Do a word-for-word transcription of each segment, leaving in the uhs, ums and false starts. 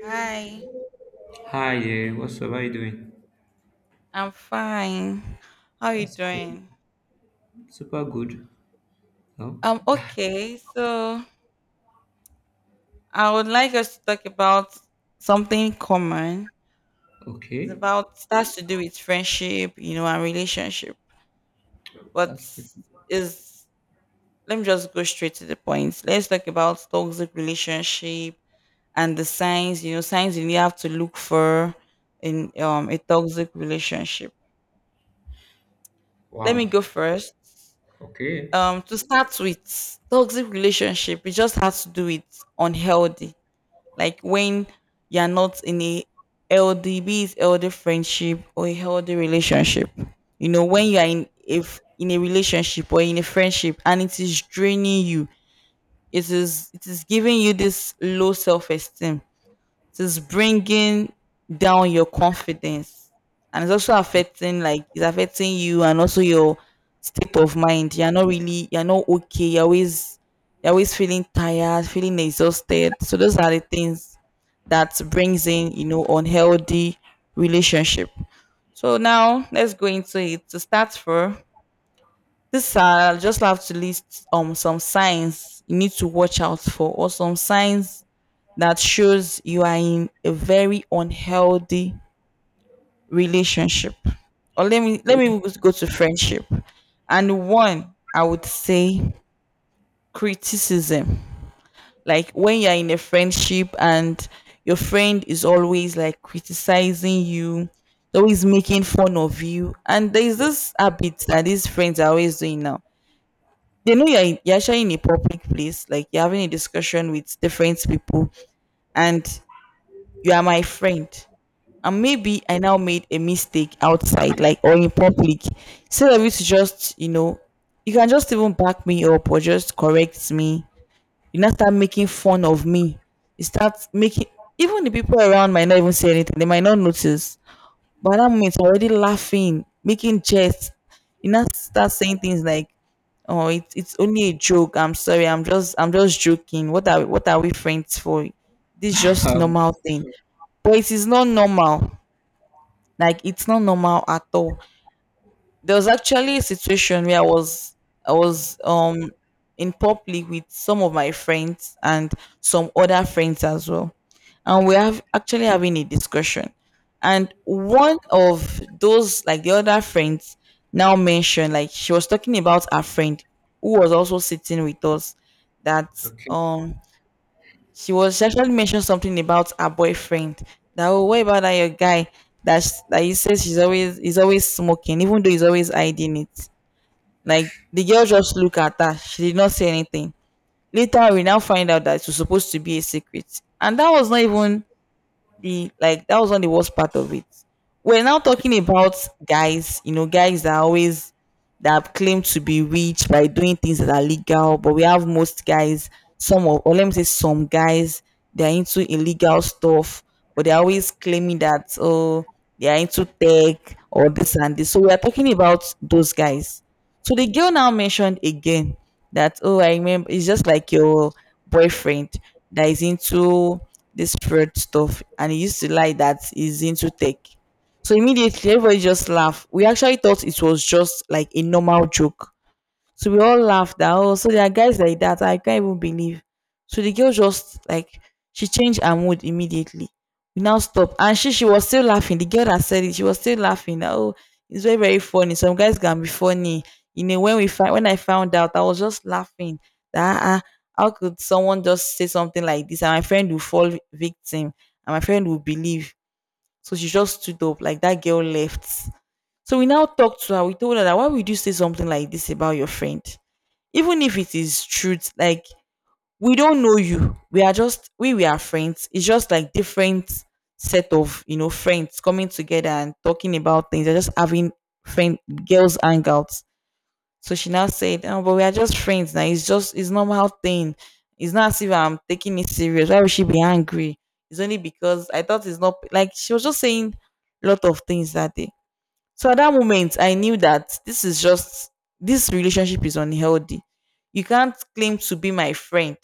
Hi, Hi there, what's up? How you doing? I'm fine. How are you That's cool. doing? Super good. Oh, Um, okay, so I would like us to talk about something common. It's okay. about starts to do with friendship, you know, and relationship. But That's perfect. is Let me just go straight to the point. Let's talk about toxic relationship and the signs, you know, signs you have to look for in um a toxic relationship. Let me Wow. go first. Okay. Um to start with toxic relationship, it just has to do with unhealthy, like when you're not in a healthy, be it healthy friendship or a healthy relationship. You know, when Okay. you're in, if in a relationship or in a friendship and it is draining you, it is it is giving you this low self-esteem, so it's bringing down your confidence, and it's also affecting, like it's affecting you and also your state of mind. You're not really, you're not okay. You're always you're always feeling tired, feeling exhausted. So those are the things that brings in, you know, unhealthy relationship. So now let's go into it. To start for this, uh, I'll just have to list um some signs you need to watch out for, or some signs that shows you are in a very unhealthy relationship. Or let me let Okay. me just go to friendship. And one, I would say criticism. Like when you're in a friendship and your friend is always like criticizing you, always making fun of you, and there's Yeah. this habit that these friends are always doing now, they know you're, in, you're actually in a public place, like you're having a discussion with different people, and you are my friend, and maybe I now made a mistake outside, like or in public, instead of you to just, you know, you can just even back me up or just correct me. You not start making fun of me. You start making, even the people around might not even say anything. They might not notice. But at that moment, you're already laughing, making jests. You not start saying things like, "Oh, it's it's only a joke. I'm sorry. I'm just I'm just joking. What are what are we friends for? This is just Um, normal thing." But it is not normal, like it's not normal at all. There was actually a situation where I was I was um in public with some of my friends and some other friends as well. And we have actually having a discussion. And one of those, like the other friends now mentioned, like she was talking about her friend who was also sitting with us, that okay. um she was actually mentioned something about her boyfriend, that oh, what about that your guy, that that he says, she's always, he's always smoking, even though he's always hiding it. Like the girl just looked at her, she did not say anything. Later we now find out that it was supposed to be a secret. And that was not even the like that was not the worst part of it. We're now talking about guys, you know, guys that always, that claim to be rich by doing things that are legal, but we have most guys, some of, or let me say some guys, they're into illegal stuff, but they're always claiming that oh, they are into tech or this and this. So we are talking about those guys. So the girl now mentioned again that, oh, I remember it's just like your boyfriend that is into this fraud stuff, and he used to lie that he's into tech. So immediately everybody just laughed. We actually thought it was just like a normal joke, so we all laughed that oh, so there are guys like that. I can't even believe. So the girl just like, she changed her mood immediately. We now stop, and she she was still laughing. The girl that said it, she was still laughing, that oh, it's very very funny. Some guys can be funny. You know, when we find when I found out, I was just laughing. That ah, ah, how could someone just say something like this? And my friend will fall victim, and my friend will believe. So she just stood up like that. Girl left. So we now talked to her. We told her that why would you say something like this about your friend? Even if it is truth, like we don't know you, we are just, we we are friends. It's just like different set of, you know, friends coming together and talking about things. They're just having friend girls hangouts. So she now said, oh, but we are just friends now, it's just, it's normal thing. It's not as if I'm taking it serious. Why would she be angry? It's only because I thought, it's not like. She was just saying a lot of things that day. So at that moment, I knew that this is just, this relationship is unhealthy. You can't claim to be my friend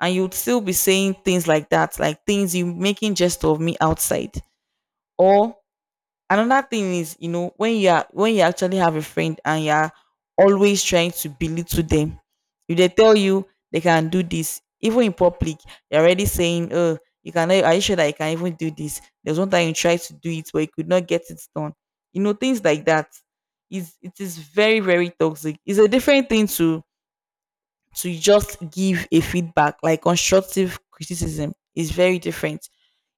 and you'd still be saying things like that, like things you making jest of me outside. Or another thing is, you know, when you are, when you actually have a friend and you are always trying to belittle them, if they tell you they can do this, even in public you're already saying, oh, you can, are you sure that you can even do this? There's one time you tried to do it, but you could not get it done. You know, things like that is, it is very very toxic. It's a different thing to to just give a feedback. Like constructive criticism is very different.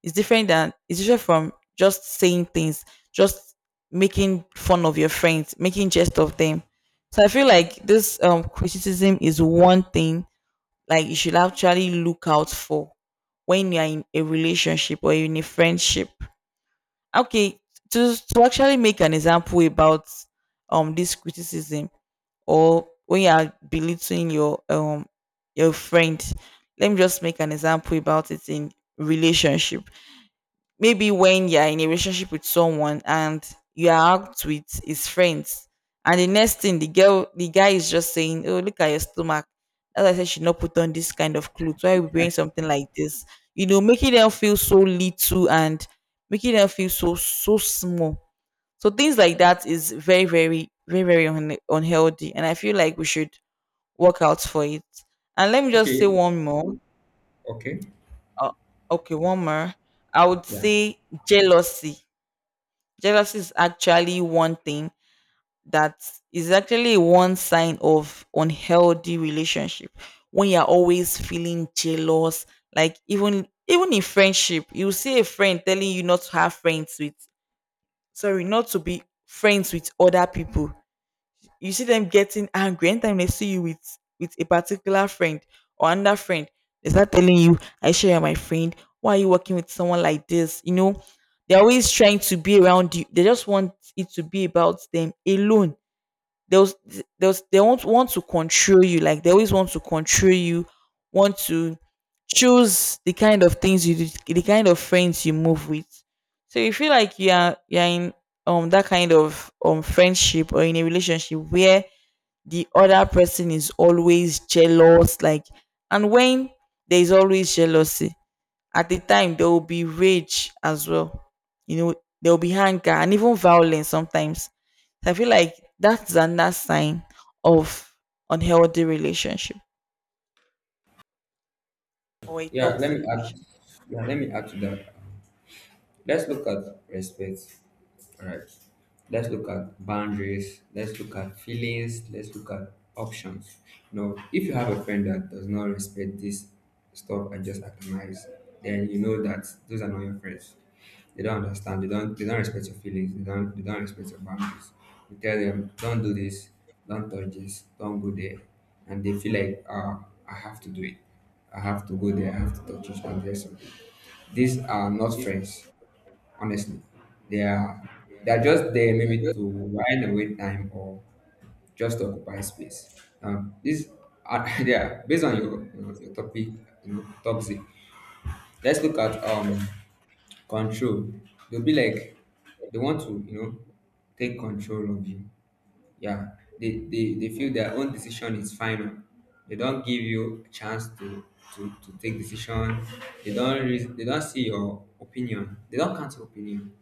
It's different than it's different from just saying things, just making fun of your friends, making jest of them. So I feel like this um criticism is one thing, like you should actually look out for when you're in a relationship or in a friendship. Okay, to, to actually make an example about um this criticism, or when you are belittling your um your friend, let me just make an example about it in relationship. Maybe when you're in a relationship with someone and you are out with his friends, and the next thing the girl, the guy is just saying, oh, look at your stomach. As I said, she not put on this kind of clothes. Why are we wearing something like this? You know, making them feel so little and making them feel so so small. So things like that is very, very, very, very un- unhealthy, and I feel like we should work out for it. And let me just Okay. say one more. Okay. Uh, okay, one more. I would Yeah. say jealousy. Jealousy is actually one thing that is actually one sign of unhealthy relationship. When you're always feeling jealous, like even even in friendship, you see a friend telling you not to have friends with, sorry, not to be friends with other people. You see them getting angry anytime they see you with with a particular friend or another friend. They start telling you, I sure you're my friend, why are you working with someone like this? You know, they're always trying to be around you. They just want it to be about them alone. They'll they'll they won't want to control you. Like they always want to control you, want to choose the kind of things you do, the kind of friends you move with. So you feel like you are, you're in um that kind of um friendship or in a relationship where the other person is always jealous, like, and when there's always jealousy, at the time there will be rage as well. You know, there will be anger and even violence sometimes. So I feel like that's another sign of unhealthy relationship or a Yeah, let toxic me add. relationship. Yeah, let me add to that. Let's look at respect. All right. Let's look at boundaries. Let's look at feelings. Let's look at options. Now, if you have a friend that does not respect this stuff and just atomize, then you know that those are not your friends. They don't understand. They don't. They don't respect your feelings. They don't. They don't respect your boundaries. You tell them, don't do this. Don't touch this. Don't go there, and they feel like, ah, I have to do it. I have to go there. I have to touch it and there's something. These are not friends, honestly. They are they are just there, maybe to wind away time or just to occupy space. Um, this uh, yeah, based on your you know, your topic, you know, toxic. Let's look at um control. They'll be like they want to, you know, take control of you. Yeah, they they, they feel their own decision is final. They don't give you a chance to to, to take decision. They don't re- they don't see your opinion. They don't count your opinion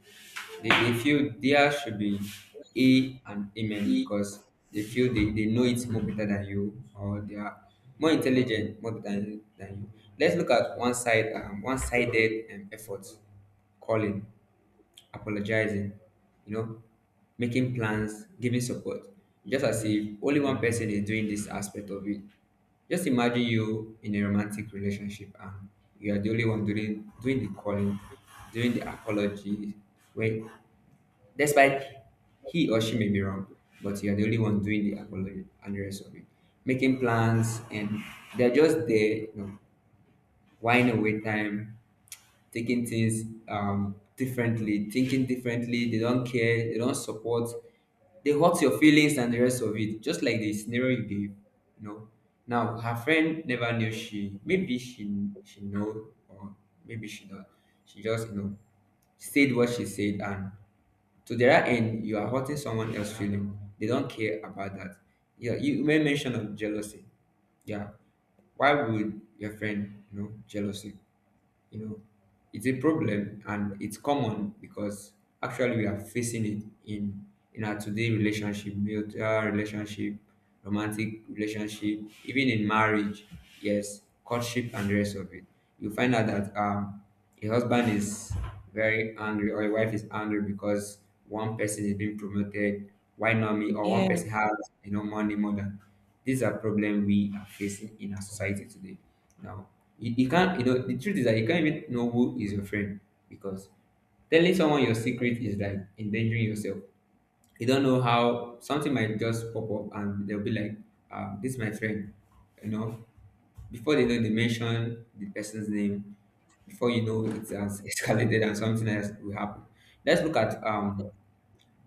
they, They feel there should be A and Amen, because they feel they, they know it more better than you, or they are more intelligent more than, than you. Let's look at one side, um, one-sided um, effort, calling, apologizing, you know, making plans, giving support, just as if only one person is doing this aspect of it. Just imagine you in a romantic relationship and you are the only one doing doing the calling, doing the apology, when despite he or she may be wrong, but you're the only one doing the apology and the rest of it. Making plans, and they're just there, you know, whining away time, taking things um differently, thinking differently, they don't care, they don't support, they hurt your feelings and the rest of it, just like the scenario you gave, you know. Now her friend never knew. She maybe she she know, or maybe she not. She just, you know, said what she said, and to their end, you are hurting someone else's feeling. They don't care about that. Yeah, you made mention of jealousy. Yeah, why would your friend, you know, jealousy? You know, it's a problem and it's common, because actually we are facing it in in our today relationship, mutual relationship, romantic relationship, even in marriage, yes, courtship and the rest of it. You find out that um a husband is very angry, or a wife is angry because one person is being promoted, why not me, or one Yeah. person has you know money more than. These are problems we are facing in our society today. Now, you, you can't, you know, the truth is that you can't even know who is your friend, because telling someone your secret is like endangering yourself. You don't know how something might just pop up and they'll be like, uh, this is my friend. You know, before they know, they mention the person's name. Before you know, it has escalated and something else will happen. Let's look at um,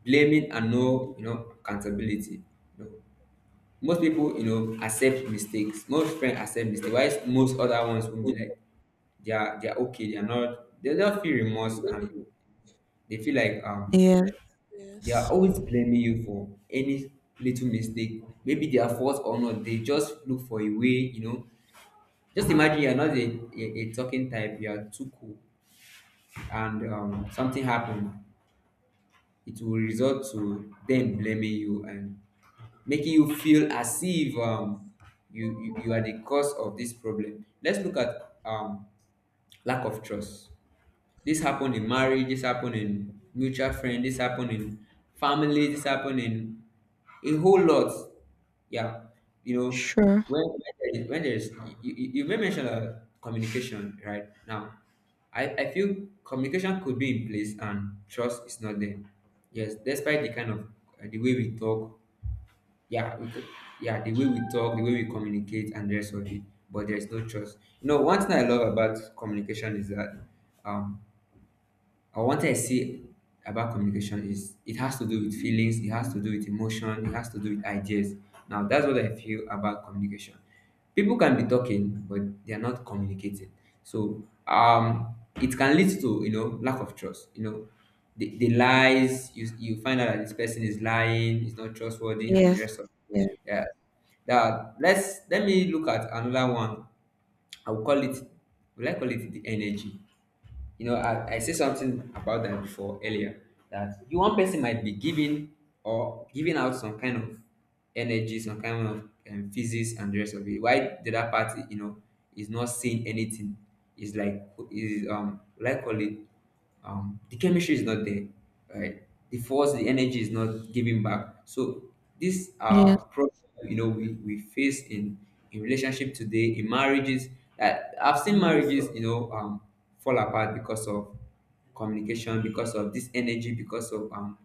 blaming and, no, you know, accountability. You know, most people, you know, accept mistakes. Most friends accept mistakes. Why most other ones will be like, they are they are okay, they are not, they don't feel remorse, and they feel like um Yeah. they are Yes. always blaming you for any little mistake, maybe their fault or not, they just look for a way, you know. Just imagine you're not a, a, a talking type, you are too cool and um, something happened, it will result to them blaming you and making you feel as if um, you, you you are the cause of this problem. Let's look at um, lack of trust. This happened in marriage, this happened in mutual friend, this happened in family, this happened in a whole lot. Yeah, you know, Sure. when when there is, when there is you, you you may mention uh, communication right now. I, I feel communication could be in place and trust is not there. Yes, despite the kind of uh, the way we talk, yeah, we could, yeah, the way we talk, the way we communicate, and the rest of it, but there is no trust. You know, one thing I love about communication is that um, or what I wanted to see about communication is it has to do with feelings, it has to do with emotion, it has to do with ideas. Now that's what I feel about communication. People can be talking, but they are not communicating. So um, it can lead to, you know, lack of trust. You know, the, the lies, you you find out that this person is lying, is not trustworthy, and the Yes. rest of, Yes. yeah. That Let's let me look at another one. I'll call it. Will I call it the energy? You know, I, I said something about that before earlier, that you one person might be giving or giving out some kind of energy, some kind of um, physics and the rest of it. Why the other party, you know, is not seeing anything. It's like is um like call it um, the chemistry is not there, right? The force, the energy is not giving back. So these Yeah. are problems, you know, we, we face in in relationship today, in marriages. That I've seen marriages, you know, um, fall apart because of communication, because of this energy, because of um,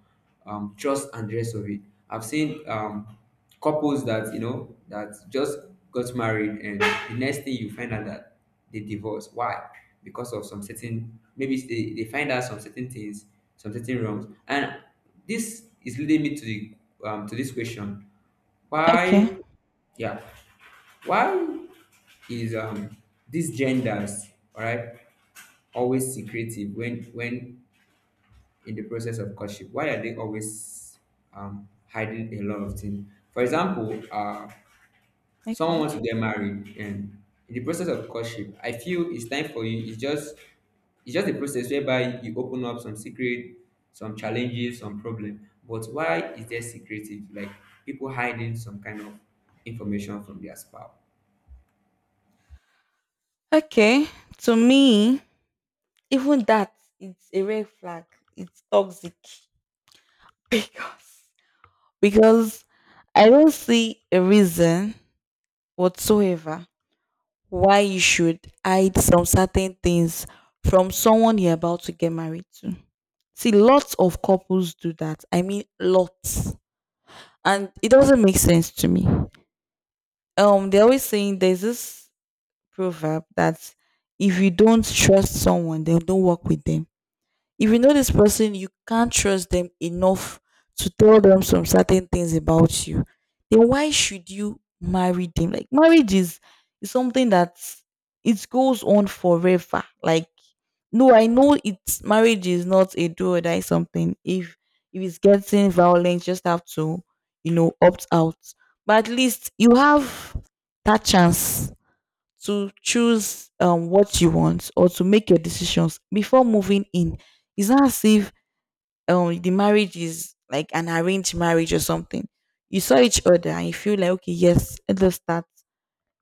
um, trust and the rest of it. I've seen um, couples that, you know, that just got married, and the next thing you find out that they divorce. Why? Because of some certain, maybe it's they, they find out some certain things, some certain wrongs, and this is leading me to the um, to this question: Okay. why? Yeah, why is um these genders, all right, always secretive when when in the process of courtship? Why are they always um, hiding a lot of things? For example, uh, someone Okay. wants to get married, and in the process of courtship, I feel it's time for you. It's just it's just a process whereby you open up some secret, some challenges, some problem. But why is there secretive? Like people hiding some kind of information from their spouse. Okay. To me, even that, it's a red flag, it's toxic because because I don't see a reason whatsoever why you should hide some certain things from someone you're about to get married to. See, lots of couples do that, I mean, lots, and it doesn't make sense to me. Um they're always saying there's this proverb that if you don't trust someone, then don't work with them. If you know this person, you can't trust them enough to tell them some certain things about you, then why should you marry them? Like marriage is, is something that it goes on forever. Like, no, I know it's, marriage is not a do or die something. If if it's getting violent, you just have to, you know, opt out. But at least you have that chance to choose um what you want, or to make your decisions before moving in. It's not as if um the marriage is like an arranged marriage or something. You saw each other and you feel like, okay, yes, let us start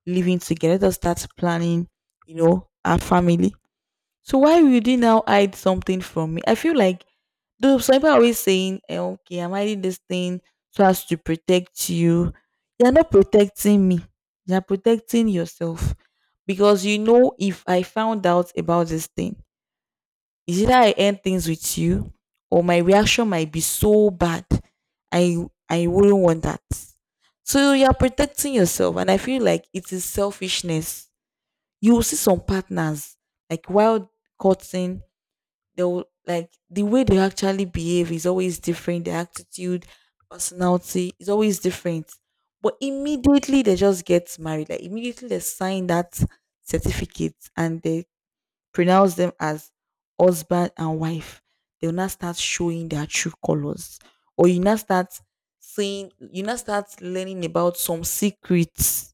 living together, let us start planning, you know, our family. So why would you now hide something from me? I feel like though some people are always saying, eh, okay, I'm hiding this thing so as to protect you. You're not protecting me. You're protecting yourself because you know, if I found out about this thing, is either I end things with you or my reaction might be so bad. I I wouldn't want that. So you're protecting yourself, and I feel like it is selfishness. You will see some partners like wild courting, they'll like the way they actually behave is always different. Their attitude, personality is always different. But immediately they just get married. Like immediately they sign that certificate and they pronounce them as husband and wife. They'll not start showing their true colors. Or you now start seeing, you now start learning about some secrets.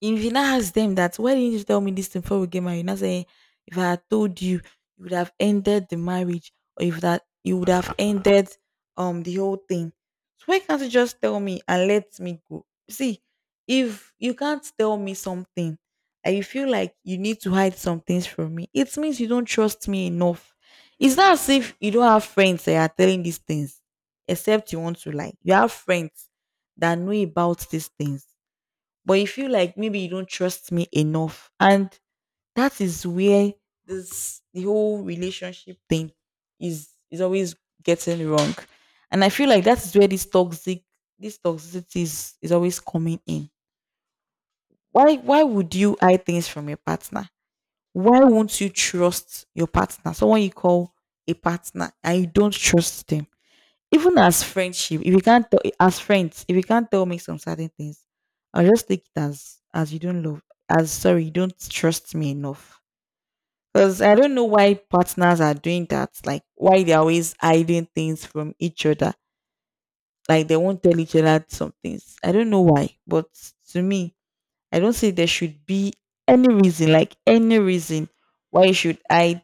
If you now ask them that, why didn't you tell me this thing before we get married? Now say, if I had told you, you would have ended the marriage, or if that you would have ended um the whole thing. So why can't you just tell me and let me go? See, if you can't tell me something and you feel like you need to hide some things from me, it means you don't trust me enough. It's not as if you don't have friends that are telling these things, except you want to lie. You have friends that know about these things but you feel like maybe you don't trust me enough. And that is where this the whole relationship thing is is always getting wrong. And I feel like that is where this toxic, this toxicity is, is always coming in. Why why would you hide things from your partner? Why won't you trust your partner? Someone you call a partner and you don't trust them, even as friendship, if you can't tell as friends, if you can't tell me some certain things, I'll just take it as as you don't love, as sorry, you don't trust me enough. Because I don't know why partners are doing that. Like why they're always hiding things from each other. Like they won't tell each other some things. I don't know why. But to me, I don't see there should be any reason, like any reason why you should hide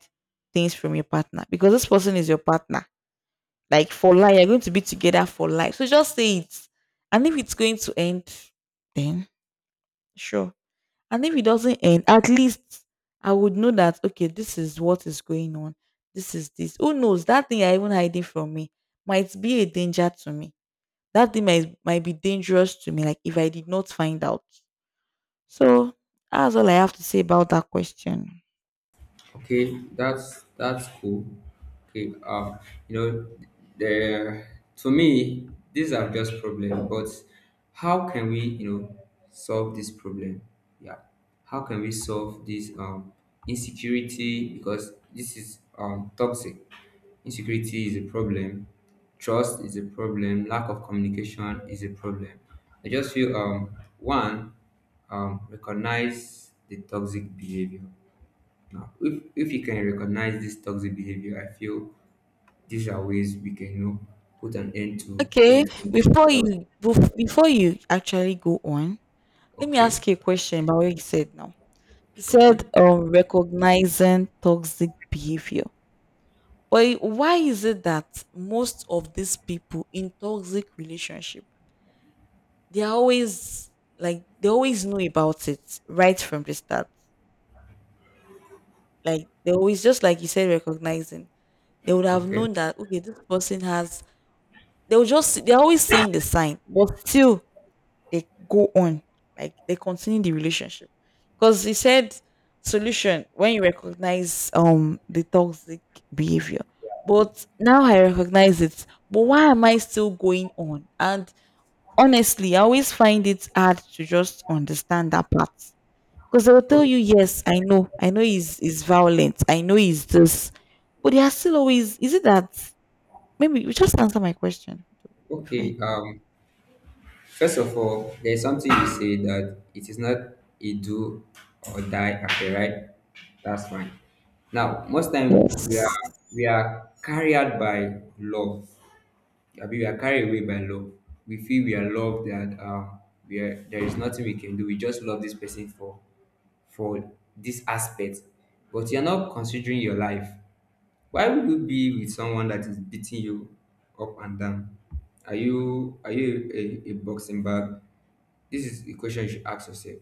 things from your partner. Because this person is your partner, like for life, you're going to be together for life. So just say it. And if it's going to end, then sure. And if it doesn't end, at least I would know that okay, this is what is going on. This is this. Who knows? That thing you're even hiding from me might be a danger to me. That thing might might be dangerous to me. Like if I did not find out. So that's all I have to say about that question. Okay, that's that's cool. Okay, uh, you know, the to me these are just problems. But how can we, you know, solve this problem? Yeah, how can we solve this um insecurity, because this is um toxic. Insecurity is a problem. Trust is a problem. Lack of communication is a problem. I just feel um one, um recognize the toxic behavior. Now, if if you can recognize this toxic behavior, I feel these are ways we can, you know, put an end to when Okay, it comes to before toxic. you bef- before you actually go on, let me Okay, ask you a question about what you said now. You okay, said um recognizing toxic behavior. But why is it that most of these people in toxic relationship, they're always, like they always know about it right from the start. Like they always just, like you said, recognizing. They would have okay, known that okay, this person has, they will just, they're always saying the sign, but still they go on. Like they continue the relationship. Because he said solution when you recognize um the toxic behavior. But now I recognize it. But why am I still going on? And honestly, I always find it hard to just understand that part. Because they'll tell okay, you, yes, I know, I know he's is violent, I know he's this, but they are still always. Is it that, maybe you just answer my question before you okay. go? Um, first of all, there's something you say that it is not a do or die affair, right? That's fine. Now, most time we are Yes. we are carried by love. Abi we are carried away by love, we feel we are loved, that um we are, there is nothing we can do, we just love this person for for this aspect, but you're not considering your life. Why would you be with someone that is beating you up and down? Are you are you a, a boxing bag? This is a question you should ask yourself.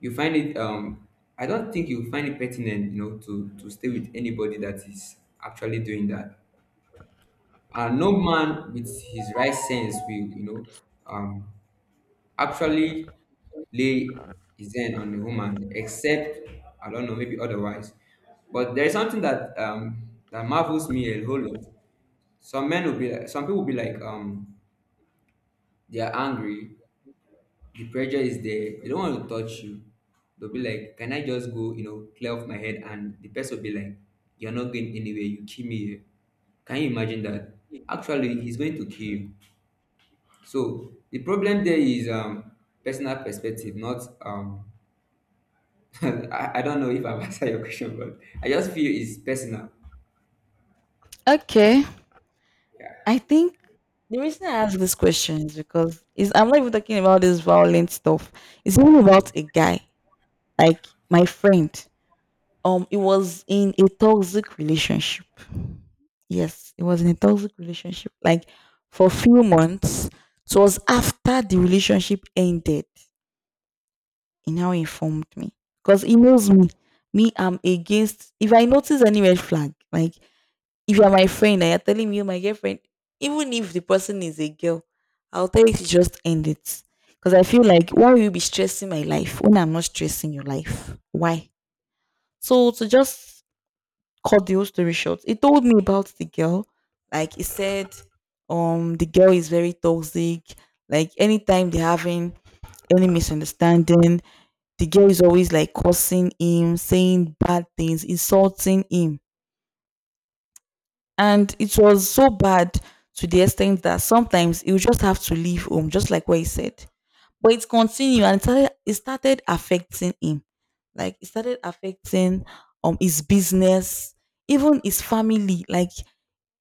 You find it um, I don't think you find it pertinent, you know, to to stay with anybody that is actually doing that. And no man with his right sense will, you know, um actually lay his hand on a woman, except I don't know, maybe otherwise. But there is something that um that marvels me a whole lot. Some men will be like, some people will be like, um they are angry, the pressure is there, they don't want to touch you, they'll be like, can I just go, you know, clear off my head, and the person will be like, you're not going anywhere, you kill me here. Can you imagine that? Actually he's going to kill you. So the problem there is um personal perspective, not um I, I don't know if I've answered your question, but I just feel it's personal. Okay. Yeah. I think the reason I ask this question is because is I'm not even talking about this violent stuff. It's even about a guy, like my friend. Um, it was in a toxic relationship. Yes, it was in a toxic relationship. Like for a few months, it was after the relationship ended. He now informed me because he knows me. Me, I'm against. If I notice any red flag, like if you're my friend and you're telling me you're my girlfriend, even if the person is a girl, I'll tell you to just end it. Because I feel like why will you be stressing my life when I'm not stressing your life? Why? So to just cut the whole story short. He told me about the girl. Like he said, um, the girl is very toxic. Like anytime they're having any misunderstanding, the girl is always like cursing him, saying bad things, insulting him. And it was so bad to the extent that sometimes he would just have to leave home, just like what he said. But it continued and it started, it started affecting him. Like it started affecting um his business, even his family. Like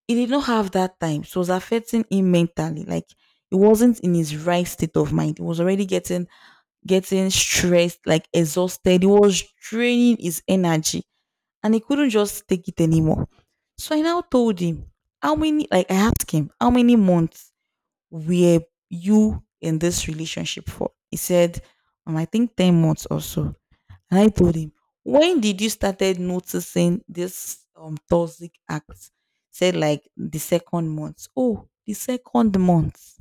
he did not have that time, so it was affecting him mentally. Like he wasn't in his right state of mind. He was already getting getting stressed, like exhausted. He was draining his energy, and he couldn't just take it anymore. So I now told him how many. Like I asked him, how many months were you in this relationship for? He said, um, I think ten months or so. And I told him, when did you started noticing this um toxic act? Said like the second month. Oh, the second month.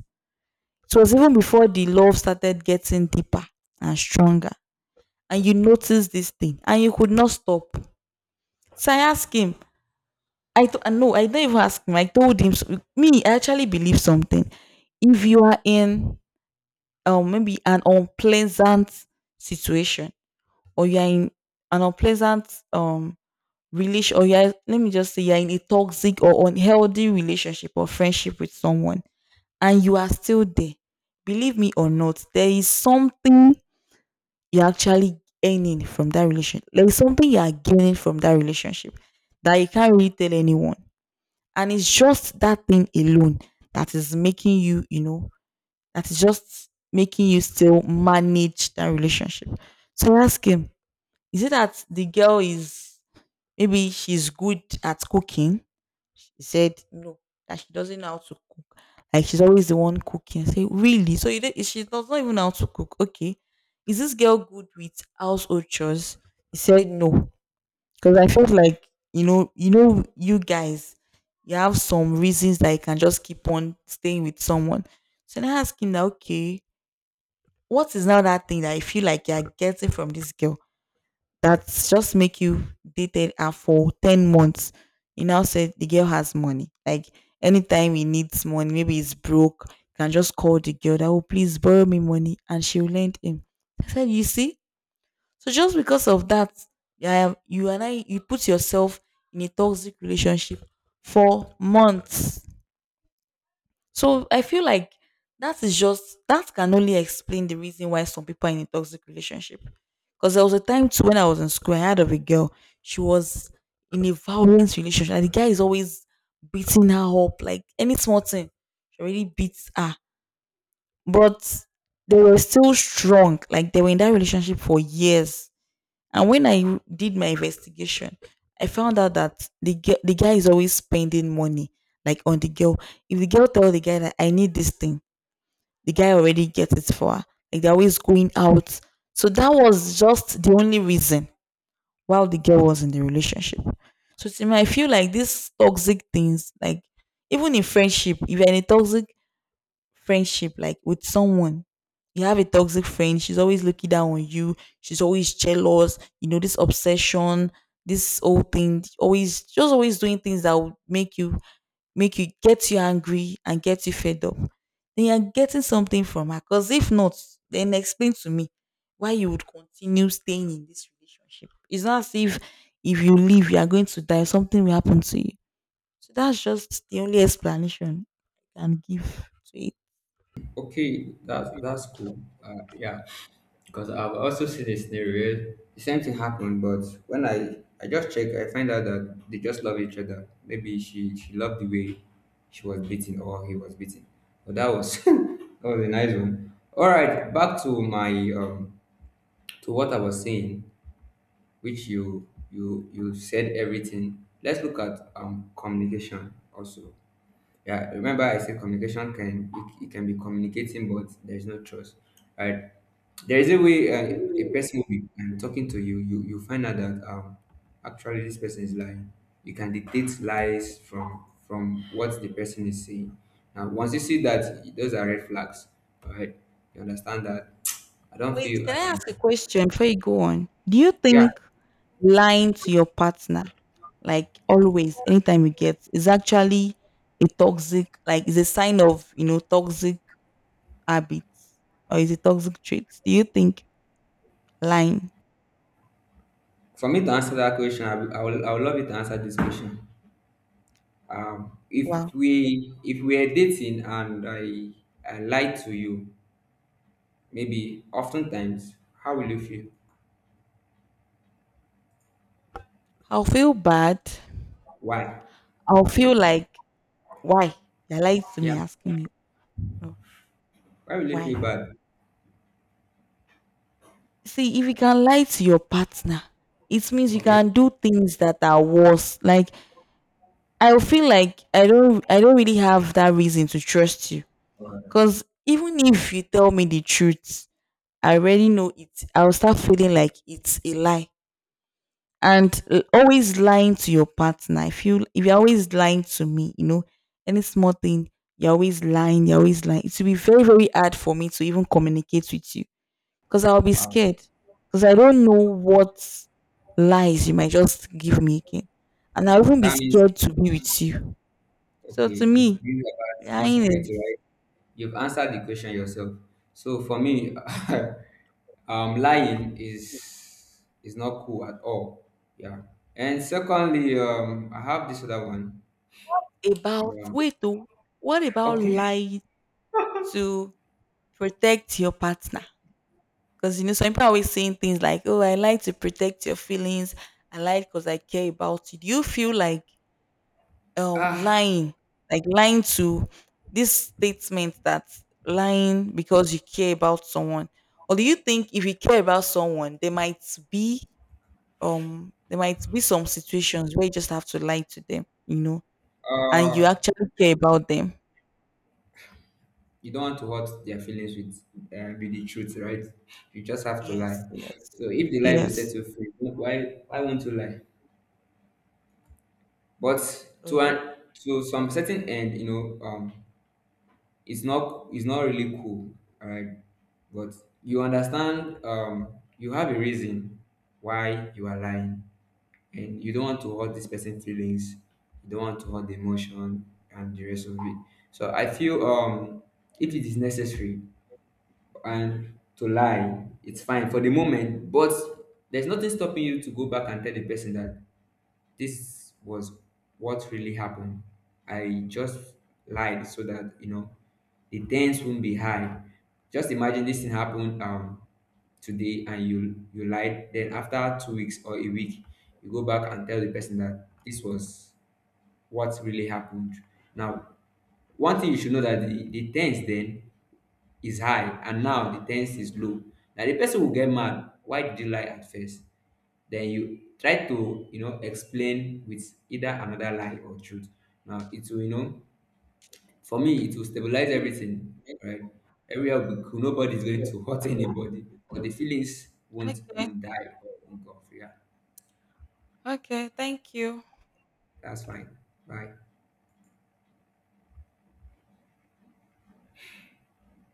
It was even before the love started getting deeper and stronger. And you noticed this thing and you could not stop. So I asked him, I th- no, I didn't even ask him. I told him, so- me, I actually believe something. If you are in um maybe an unpleasant situation, or you are in an unpleasant um relation, or you're, let me just say, you're in a toxic or unhealthy relationship or friendship with someone and you are still there, believe me or not, there is something you're actually earning from that relationship. There is something you are gaining from that relationship that you can't really tell anyone, and it's just that thing alone that is making you, you know, that is just making you still manage that relationship. So ask him, is it that the girl is, maybe she's good at cooking? She said no, that she doesn't know how to cook. Like she's always the one cooking. I say, really? So you don't, she does not even know how to cook. Okay. Is this girl good with household chores? He said no. Because I felt like, you know, you know, you guys, you have some reasons that you can just keep on staying with someone. So then I asked him that, okay, what is now that thing that I feel like you're getting from this girl, that's just make you dated her for ten months. You now said the girl has money. Like anytime he needs money, maybe he's broke, you can just call the girl that oh please borrow me money and she'll lend him. I said, you see? So just because of that, yeah, you and I, you put yourself in a toxic relationship for months. So I feel like that is just, that can only explain the reason why some people are in a toxic relationship. Because there was a time too when I was in school, I had of a girl. She was in a violent relationship, and the guy is always beating her up, like any small thing. She already beats her, but they were still strong. Like they were in that relationship for years. And when I did my investigation, I found out that the ge- the guy is always spending money, like on the girl. If the girl tell the guy that I need this thing, the guy already gets it for her. Like they're always going out. So that was just the only reason while the girl was in the relationship. So to me, I feel like these toxic things, like even in friendship, if you're in a toxic friendship, like with someone, you have a toxic friend, she's always looking down on you, she's always jealous, you know, this obsession, this whole thing, always just always doing things that would make you, make you get you angry and get you fed up. Then you're getting something from her. Because if not, then explain to me why you would continue staying in this relationship. It's not as if if you leave, you are going to die, something will happen to you. So that's just the only explanation I can give to it. Okay, that's that's cool. Uh, yeah, because I've also seen a scenario where the same thing happened, but when I I just check, I find out that they just love each other. Maybe she she loved the way she was beaten or he was beaten. But that was that was a nice one. All right, back to my um to what I was saying. Which you you you said everything. Let's look at um communication also. Yeah, remember I said communication can, it, it can be communicating, but there's no trust, right? There is a way uh, a person will be um, talking to you. You you find out that um actually this person is lying. You can detect lies from from what the person is saying. Now, once you see that, those are red flags, all right? You understand that I don't Wait, feel can I I can. ask a question before you go on? Do you Yeah. think lying to your partner, like always, anytime you get, is actually a toxic, like, is a sign of, you know, toxic habits or is it toxic traits? Do you think lying? For me to answer that question, I, will- I will I would love you to answer this question. Um, Wow. if we if we are dating and I I lied to you, maybe oftentimes, how will you feel? I'll feel bad. Why? I'll feel like, why? You're lying to me, Yeah. asking me, "Oh, Why will you feel why? bad? See, if you can lie to your partner, it means you Okay. can do things that are worse. Like, I feel like I don't I don't really have that reason to trust you. Cause even if you tell me the truth, I already know it. I'll start feeling like it's a lie. And l- always lying to your partner. If you if you're always lying to me, you know, any small thing, you're always lying, you're always lying. It will be very, very hard for me to even communicate with you. Because I'll be Wow. scared. Because I don't know what lies you might just give me again. And I'll even be That means scared to be with you. So to okay. It's me, really about lying insecurity, is, right? You've answered the question yourself. So for me, um, lying is is not cool at all. Yeah. And secondly, um, I have this other one. about Yeah. wait oh, what about Okay. lying to protect your partner? Because you know some people are always saying things like, "Oh, I like to protect your feelings. I like because I care about you." Do you feel like um Ah, lying, like lying to this statement that lying because you care about someone, or do you think if you care about someone, there might be um there might be some situations where you just have to lie to them, you know, and you uh, actually care about them? you don't want to hurt their feelings with uh, with the truth, right? You just have to Yes, lie. yes, So if the lie will set yes. you free, why why won't you lie? But to Mhm. an, to some certain end, you know, um, it's not it's not really cool, all right? But you understand, um, you have a reason why you are lying, and you don't want to hurt this person's feelings, you don't want to hurt the emotion and the rest of it. So I feel um if it is necessary and to lie, it's fine for the moment. But there's nothing stopping you to go back and tell the person that this was what really happened. I just lied so that, you know, the tens won't be high. Just imagine this thing happened um today, and you you lied. Then after two weeks or a week, you go back and tell the person that this was what really happened. Now, one thing you should know, that the, the tens then is high and now the ten is low. Now the person will get mad, why did you lie at first? Then you try to, you know, explain with either another lie or truth. Now it will, you know, for me it will stabilize everything, right? Everywhere will be cool, nobody's going to hurt anybody, but the feelings won't Okay. won't die or won't go off, yeah, Okay. Thank you. that's fine, bye.